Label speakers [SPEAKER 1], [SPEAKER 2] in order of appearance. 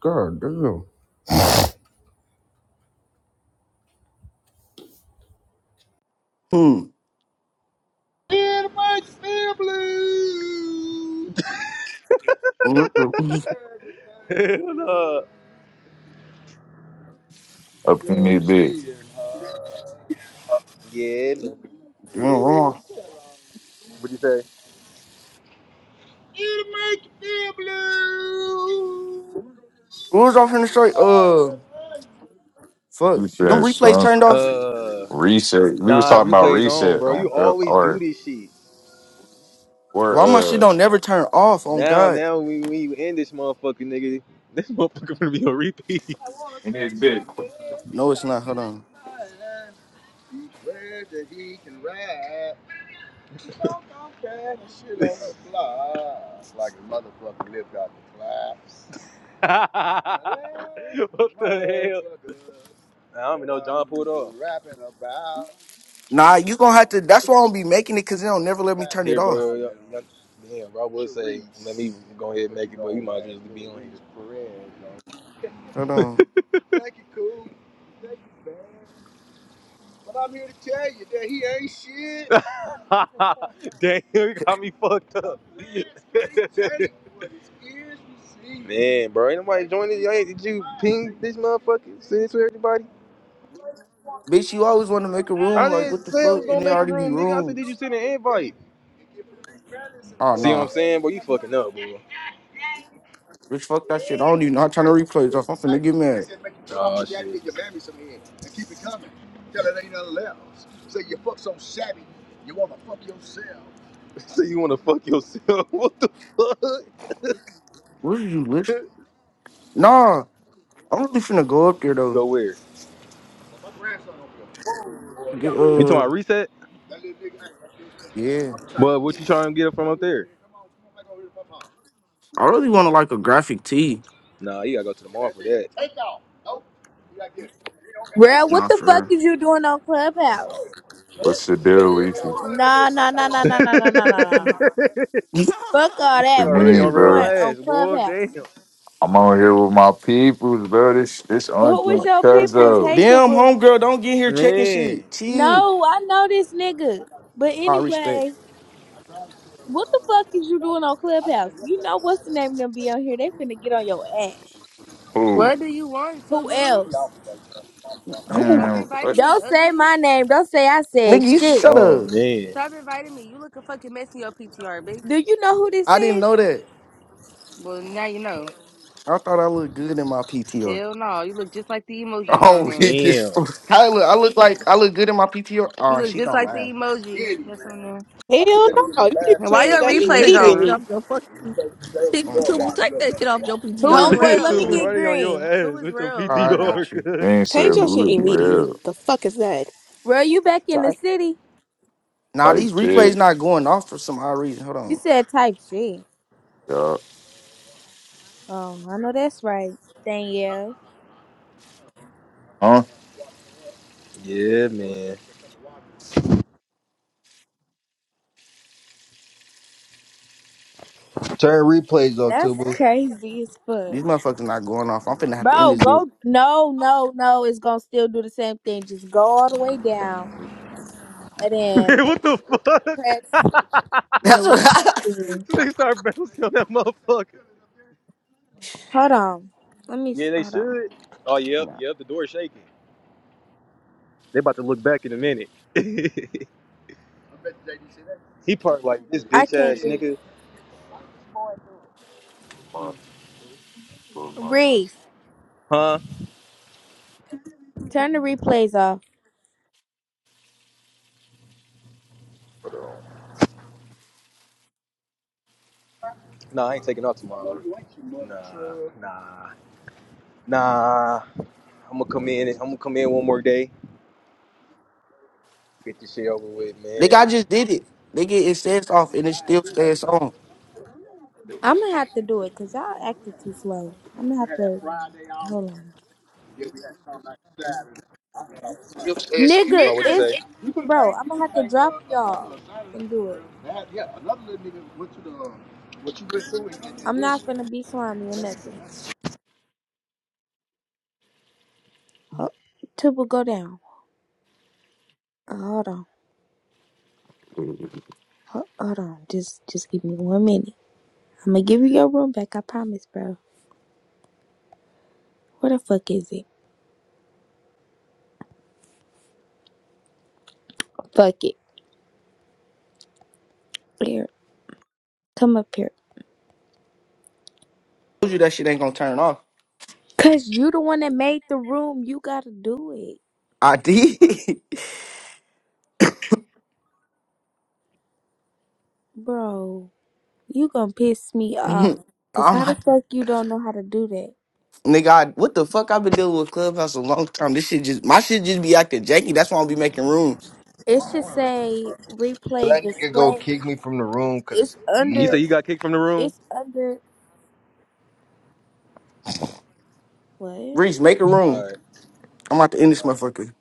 [SPEAKER 1] God damn. Hmm.
[SPEAKER 2] Hell nah.
[SPEAKER 3] up in this bitch.
[SPEAKER 2] Yeah. What'd you say?
[SPEAKER 1] What was off in the straight? Uh, fuck.
[SPEAKER 3] You
[SPEAKER 1] Them
[SPEAKER 3] said
[SPEAKER 1] replays
[SPEAKER 3] some
[SPEAKER 1] turned off.
[SPEAKER 2] Uh,
[SPEAKER 3] reset. We was
[SPEAKER 2] nah,
[SPEAKER 3] talking about
[SPEAKER 2] replays on,
[SPEAKER 3] reset
[SPEAKER 2] bro. You
[SPEAKER 3] on the-
[SPEAKER 2] always do
[SPEAKER 3] or
[SPEAKER 2] this shit.
[SPEAKER 3] or
[SPEAKER 1] Why my shit
[SPEAKER 3] uh
[SPEAKER 1] don't never turn off? On
[SPEAKER 2] Now,
[SPEAKER 1] God.
[SPEAKER 2] now we we end this motherfucker, nigga. This motherfucker gonna be on repeat. what
[SPEAKER 3] in this bitch.
[SPEAKER 1] No, it's not. Hold on.
[SPEAKER 2] the hell? Nah, I don't even know John pulled off.
[SPEAKER 1] Nah, you gonna have to. That's why I don't be making it, cause they don't never let me turn it
[SPEAKER 2] Here,
[SPEAKER 1] off.
[SPEAKER 2] bro, y'all- y'all- bro. I would say, let me go ahead and make it, but you might well just be on here.
[SPEAKER 1] Hold on.
[SPEAKER 2] Damn, you got me fucked up. Man, bro, ain't nobody joining. you Did you ping this motherfucker? Send it to everybody?
[SPEAKER 1] Bitch, you always want to make a
[SPEAKER 2] I
[SPEAKER 1] room. Like,
[SPEAKER 2] didn't
[SPEAKER 1] what the
[SPEAKER 2] say I
[SPEAKER 1] fuck?
[SPEAKER 2] was gonna
[SPEAKER 1] And they
[SPEAKER 2] make a
[SPEAKER 1] already be
[SPEAKER 2] room, nigga. I said, did you
[SPEAKER 1] rooms.
[SPEAKER 2] send an invite?
[SPEAKER 1] Oh,
[SPEAKER 2] See what I'm
[SPEAKER 1] nah.
[SPEAKER 2] saying? Boy, you fucking up, boy.
[SPEAKER 1] Bitch, fuck that shit. I don't even know how to turn the replays off. I'm finna get mad.
[SPEAKER 2] Oh, shit. So you wanna fuck yourself? What the fuck?
[SPEAKER 1] What did you listen? Nah, I'm really finna go up there, though.
[SPEAKER 2] Go where? You
[SPEAKER 1] To get,
[SPEAKER 2] talking
[SPEAKER 1] uh,
[SPEAKER 2] about reset?
[SPEAKER 1] yeah.
[SPEAKER 2] But what you trying to get it from up there?
[SPEAKER 1] I really want to like a graphic tee.
[SPEAKER 2] Nah, you gotta go to the mall for that.
[SPEAKER 4] Bro, what
[SPEAKER 1] Nah,
[SPEAKER 4] the fuck
[SPEAKER 1] for
[SPEAKER 4] is you doing on Clubhouse?
[SPEAKER 3] What's the deal, Leafy?
[SPEAKER 4] Nah, nah, nah, nah, nah, nah, nah, nah, nah, nah. nah.
[SPEAKER 1] real.
[SPEAKER 4] Fuck all
[SPEAKER 3] What
[SPEAKER 2] They
[SPEAKER 3] you
[SPEAKER 4] that. What is
[SPEAKER 2] already
[SPEAKER 3] mean,
[SPEAKER 4] you
[SPEAKER 2] on real
[SPEAKER 4] doing
[SPEAKER 3] bro?
[SPEAKER 4] on
[SPEAKER 2] ass, boy.
[SPEAKER 4] Clubhouse?
[SPEAKER 2] Damn.
[SPEAKER 3] I'm on here with my peoples, bro. This this
[SPEAKER 4] Who was
[SPEAKER 3] uncle
[SPEAKER 4] your people's? Hey,
[SPEAKER 3] cousins.
[SPEAKER 1] Damn,
[SPEAKER 4] Taboo.
[SPEAKER 1] homegirl, don't get here checking
[SPEAKER 2] Man.
[SPEAKER 1] shit. Chill.
[SPEAKER 4] No, I know this nigga. But
[SPEAKER 1] All respect.
[SPEAKER 4] anyway, what the fuck is you doing on Clubhouse? You know what's the name of them be on here? They finna get on your ass.
[SPEAKER 3] Who?
[SPEAKER 5] What do you want, to
[SPEAKER 4] Who
[SPEAKER 5] boo?
[SPEAKER 4] else?
[SPEAKER 1] Who?
[SPEAKER 5] Stop
[SPEAKER 3] Man,
[SPEAKER 5] inviting
[SPEAKER 3] what?
[SPEAKER 5] me,
[SPEAKER 4] Don't say
[SPEAKER 5] ugly.
[SPEAKER 4] my name. Don't say I said
[SPEAKER 1] Nigga, you
[SPEAKER 4] shit.
[SPEAKER 1] shut
[SPEAKER 2] Oh
[SPEAKER 1] up.
[SPEAKER 2] man.
[SPEAKER 5] Stop inviting me. You look a fucking mess in your PTR, bitch.
[SPEAKER 4] Do you know who this
[SPEAKER 1] I didn't
[SPEAKER 4] is?
[SPEAKER 1] know that.
[SPEAKER 5] Well, now you know.
[SPEAKER 1] I thought I looked good in my PTR.
[SPEAKER 5] Hell no, you look just like the emojis on
[SPEAKER 3] Oh,
[SPEAKER 5] there.
[SPEAKER 3] he just.
[SPEAKER 2] Damn.
[SPEAKER 3] fuck.
[SPEAKER 1] Kyla, I look like I look good in my PTR.
[SPEAKER 5] You
[SPEAKER 1] Oh,
[SPEAKER 5] look
[SPEAKER 1] she
[SPEAKER 5] just
[SPEAKER 1] gonna
[SPEAKER 5] like the
[SPEAKER 1] laugh.
[SPEAKER 5] emoji that's on
[SPEAKER 6] Hell
[SPEAKER 5] there.
[SPEAKER 6] no, you need
[SPEAKER 5] And
[SPEAKER 6] to
[SPEAKER 5] why
[SPEAKER 6] change
[SPEAKER 5] your
[SPEAKER 6] that
[SPEAKER 7] You need to
[SPEAKER 5] replays
[SPEAKER 7] take that shit
[SPEAKER 5] on?
[SPEAKER 7] off
[SPEAKER 6] immediately.
[SPEAKER 7] your fucking people.
[SPEAKER 1] All right.
[SPEAKER 7] People, take that shit off your
[SPEAKER 5] Who is
[SPEAKER 7] PTR.
[SPEAKER 4] Homeboy, let me
[SPEAKER 5] real?
[SPEAKER 2] Tubu,
[SPEAKER 4] get
[SPEAKER 2] why they on your
[SPEAKER 4] green.
[SPEAKER 5] Who
[SPEAKER 2] ass
[SPEAKER 5] is
[SPEAKER 2] with your
[SPEAKER 5] real?
[SPEAKER 1] All
[SPEAKER 5] Who
[SPEAKER 1] right,
[SPEAKER 5] is
[SPEAKER 1] I
[SPEAKER 5] that?
[SPEAKER 2] PTR?
[SPEAKER 1] got you.
[SPEAKER 2] cuz?
[SPEAKER 3] Dang,
[SPEAKER 6] Change
[SPEAKER 3] sir,
[SPEAKER 6] your shit
[SPEAKER 3] who is
[SPEAKER 6] immediately.
[SPEAKER 3] real?
[SPEAKER 6] The fuck is that?
[SPEAKER 4] Bro, you back in
[SPEAKER 6] Sorry.
[SPEAKER 4] the city?
[SPEAKER 1] Now
[SPEAKER 3] Like
[SPEAKER 1] these replays
[SPEAKER 3] shit,
[SPEAKER 1] not going off for some odd reason. Hold
[SPEAKER 4] You
[SPEAKER 1] on.
[SPEAKER 4] said type shit.
[SPEAKER 3] y'all.
[SPEAKER 4] Oh, I know that's right, Danielle.
[SPEAKER 3] Huh?
[SPEAKER 2] Yeah, man.
[SPEAKER 8] Turn replays off,
[SPEAKER 4] That's
[SPEAKER 8] Tubu.
[SPEAKER 4] crazy as fuck.
[SPEAKER 1] These motherfuckers not going off. I'm finna have to end
[SPEAKER 4] Bro,
[SPEAKER 1] this bit.
[SPEAKER 4] go. No, no, no. It's going to still do the same thing. Just go all the way down and then
[SPEAKER 2] Man, what the fuck?
[SPEAKER 4] press the
[SPEAKER 1] That's
[SPEAKER 4] replay
[SPEAKER 1] what I
[SPEAKER 4] thing.
[SPEAKER 2] so they start bouncing on that motherfucker.
[SPEAKER 4] Hold on. Let me. s-
[SPEAKER 2] Yeah, they
[SPEAKER 4] Hold on.
[SPEAKER 2] should. Oh yep,
[SPEAKER 1] nah.
[SPEAKER 2] yep, the door shaking. They about to look back in a minute. he parked like this
[SPEAKER 4] I
[SPEAKER 2] bitch
[SPEAKER 4] can't
[SPEAKER 2] ass
[SPEAKER 4] do
[SPEAKER 2] nigga.
[SPEAKER 4] it. Reef,
[SPEAKER 2] Huh?
[SPEAKER 4] turn the replays off.
[SPEAKER 2] Nah, I ain't taking off tomorrow. No, you ain't too much. Nah, uh... nah, nah. I'm gonna come in. I'm gonna come in one more day. Get this shit over with,
[SPEAKER 1] Nigga,
[SPEAKER 2] man.
[SPEAKER 1] I just did it. Nigga, it says off and it still says on.
[SPEAKER 4] I'm going to have to do it because y'all acted too slow. I'm going to have to. Hold on.
[SPEAKER 3] It's
[SPEAKER 4] Nigga,
[SPEAKER 2] Oh, what you
[SPEAKER 4] it's.
[SPEAKER 2] say?
[SPEAKER 4] Bro, I'm going to have to drop y'all and do it. I'm not going to be slimy or nothing. Oh, Tuba, go down. Uh, hold on. Ho- Hold on. Just just give me one minute. I'm gonna give you your room back. I promise, bro. Where the fuck is it? Fuck it. Here. Come up here.
[SPEAKER 1] told you that shit ain't gonna turn off.
[SPEAKER 4] Cause you the one that made the room. You gotta do it.
[SPEAKER 1] I did.
[SPEAKER 4] Bro, you gonna piss me off.
[SPEAKER 1] Mhm.
[SPEAKER 4] Cause
[SPEAKER 1] oh
[SPEAKER 4] how the
[SPEAKER 1] my
[SPEAKER 4] fuck you don't know how to do that?
[SPEAKER 1] nigga, I, what the fuck? I've been dealing with Clubhouse a long time. This shit just my shit just be acting janky. That's why I'll be making room.
[SPEAKER 4] It should say replay
[SPEAKER 8] That nigga go
[SPEAKER 4] display.
[SPEAKER 8] kick me from the room
[SPEAKER 4] It's
[SPEAKER 8] because he
[SPEAKER 2] You say
[SPEAKER 4] under
[SPEAKER 2] you got kicked from the room?
[SPEAKER 4] it's under what?
[SPEAKER 1] Reese, make a
[SPEAKER 2] All
[SPEAKER 1] room.
[SPEAKER 2] right,
[SPEAKER 1] I'm about to end this
[SPEAKER 2] all right.
[SPEAKER 1] motherfucker.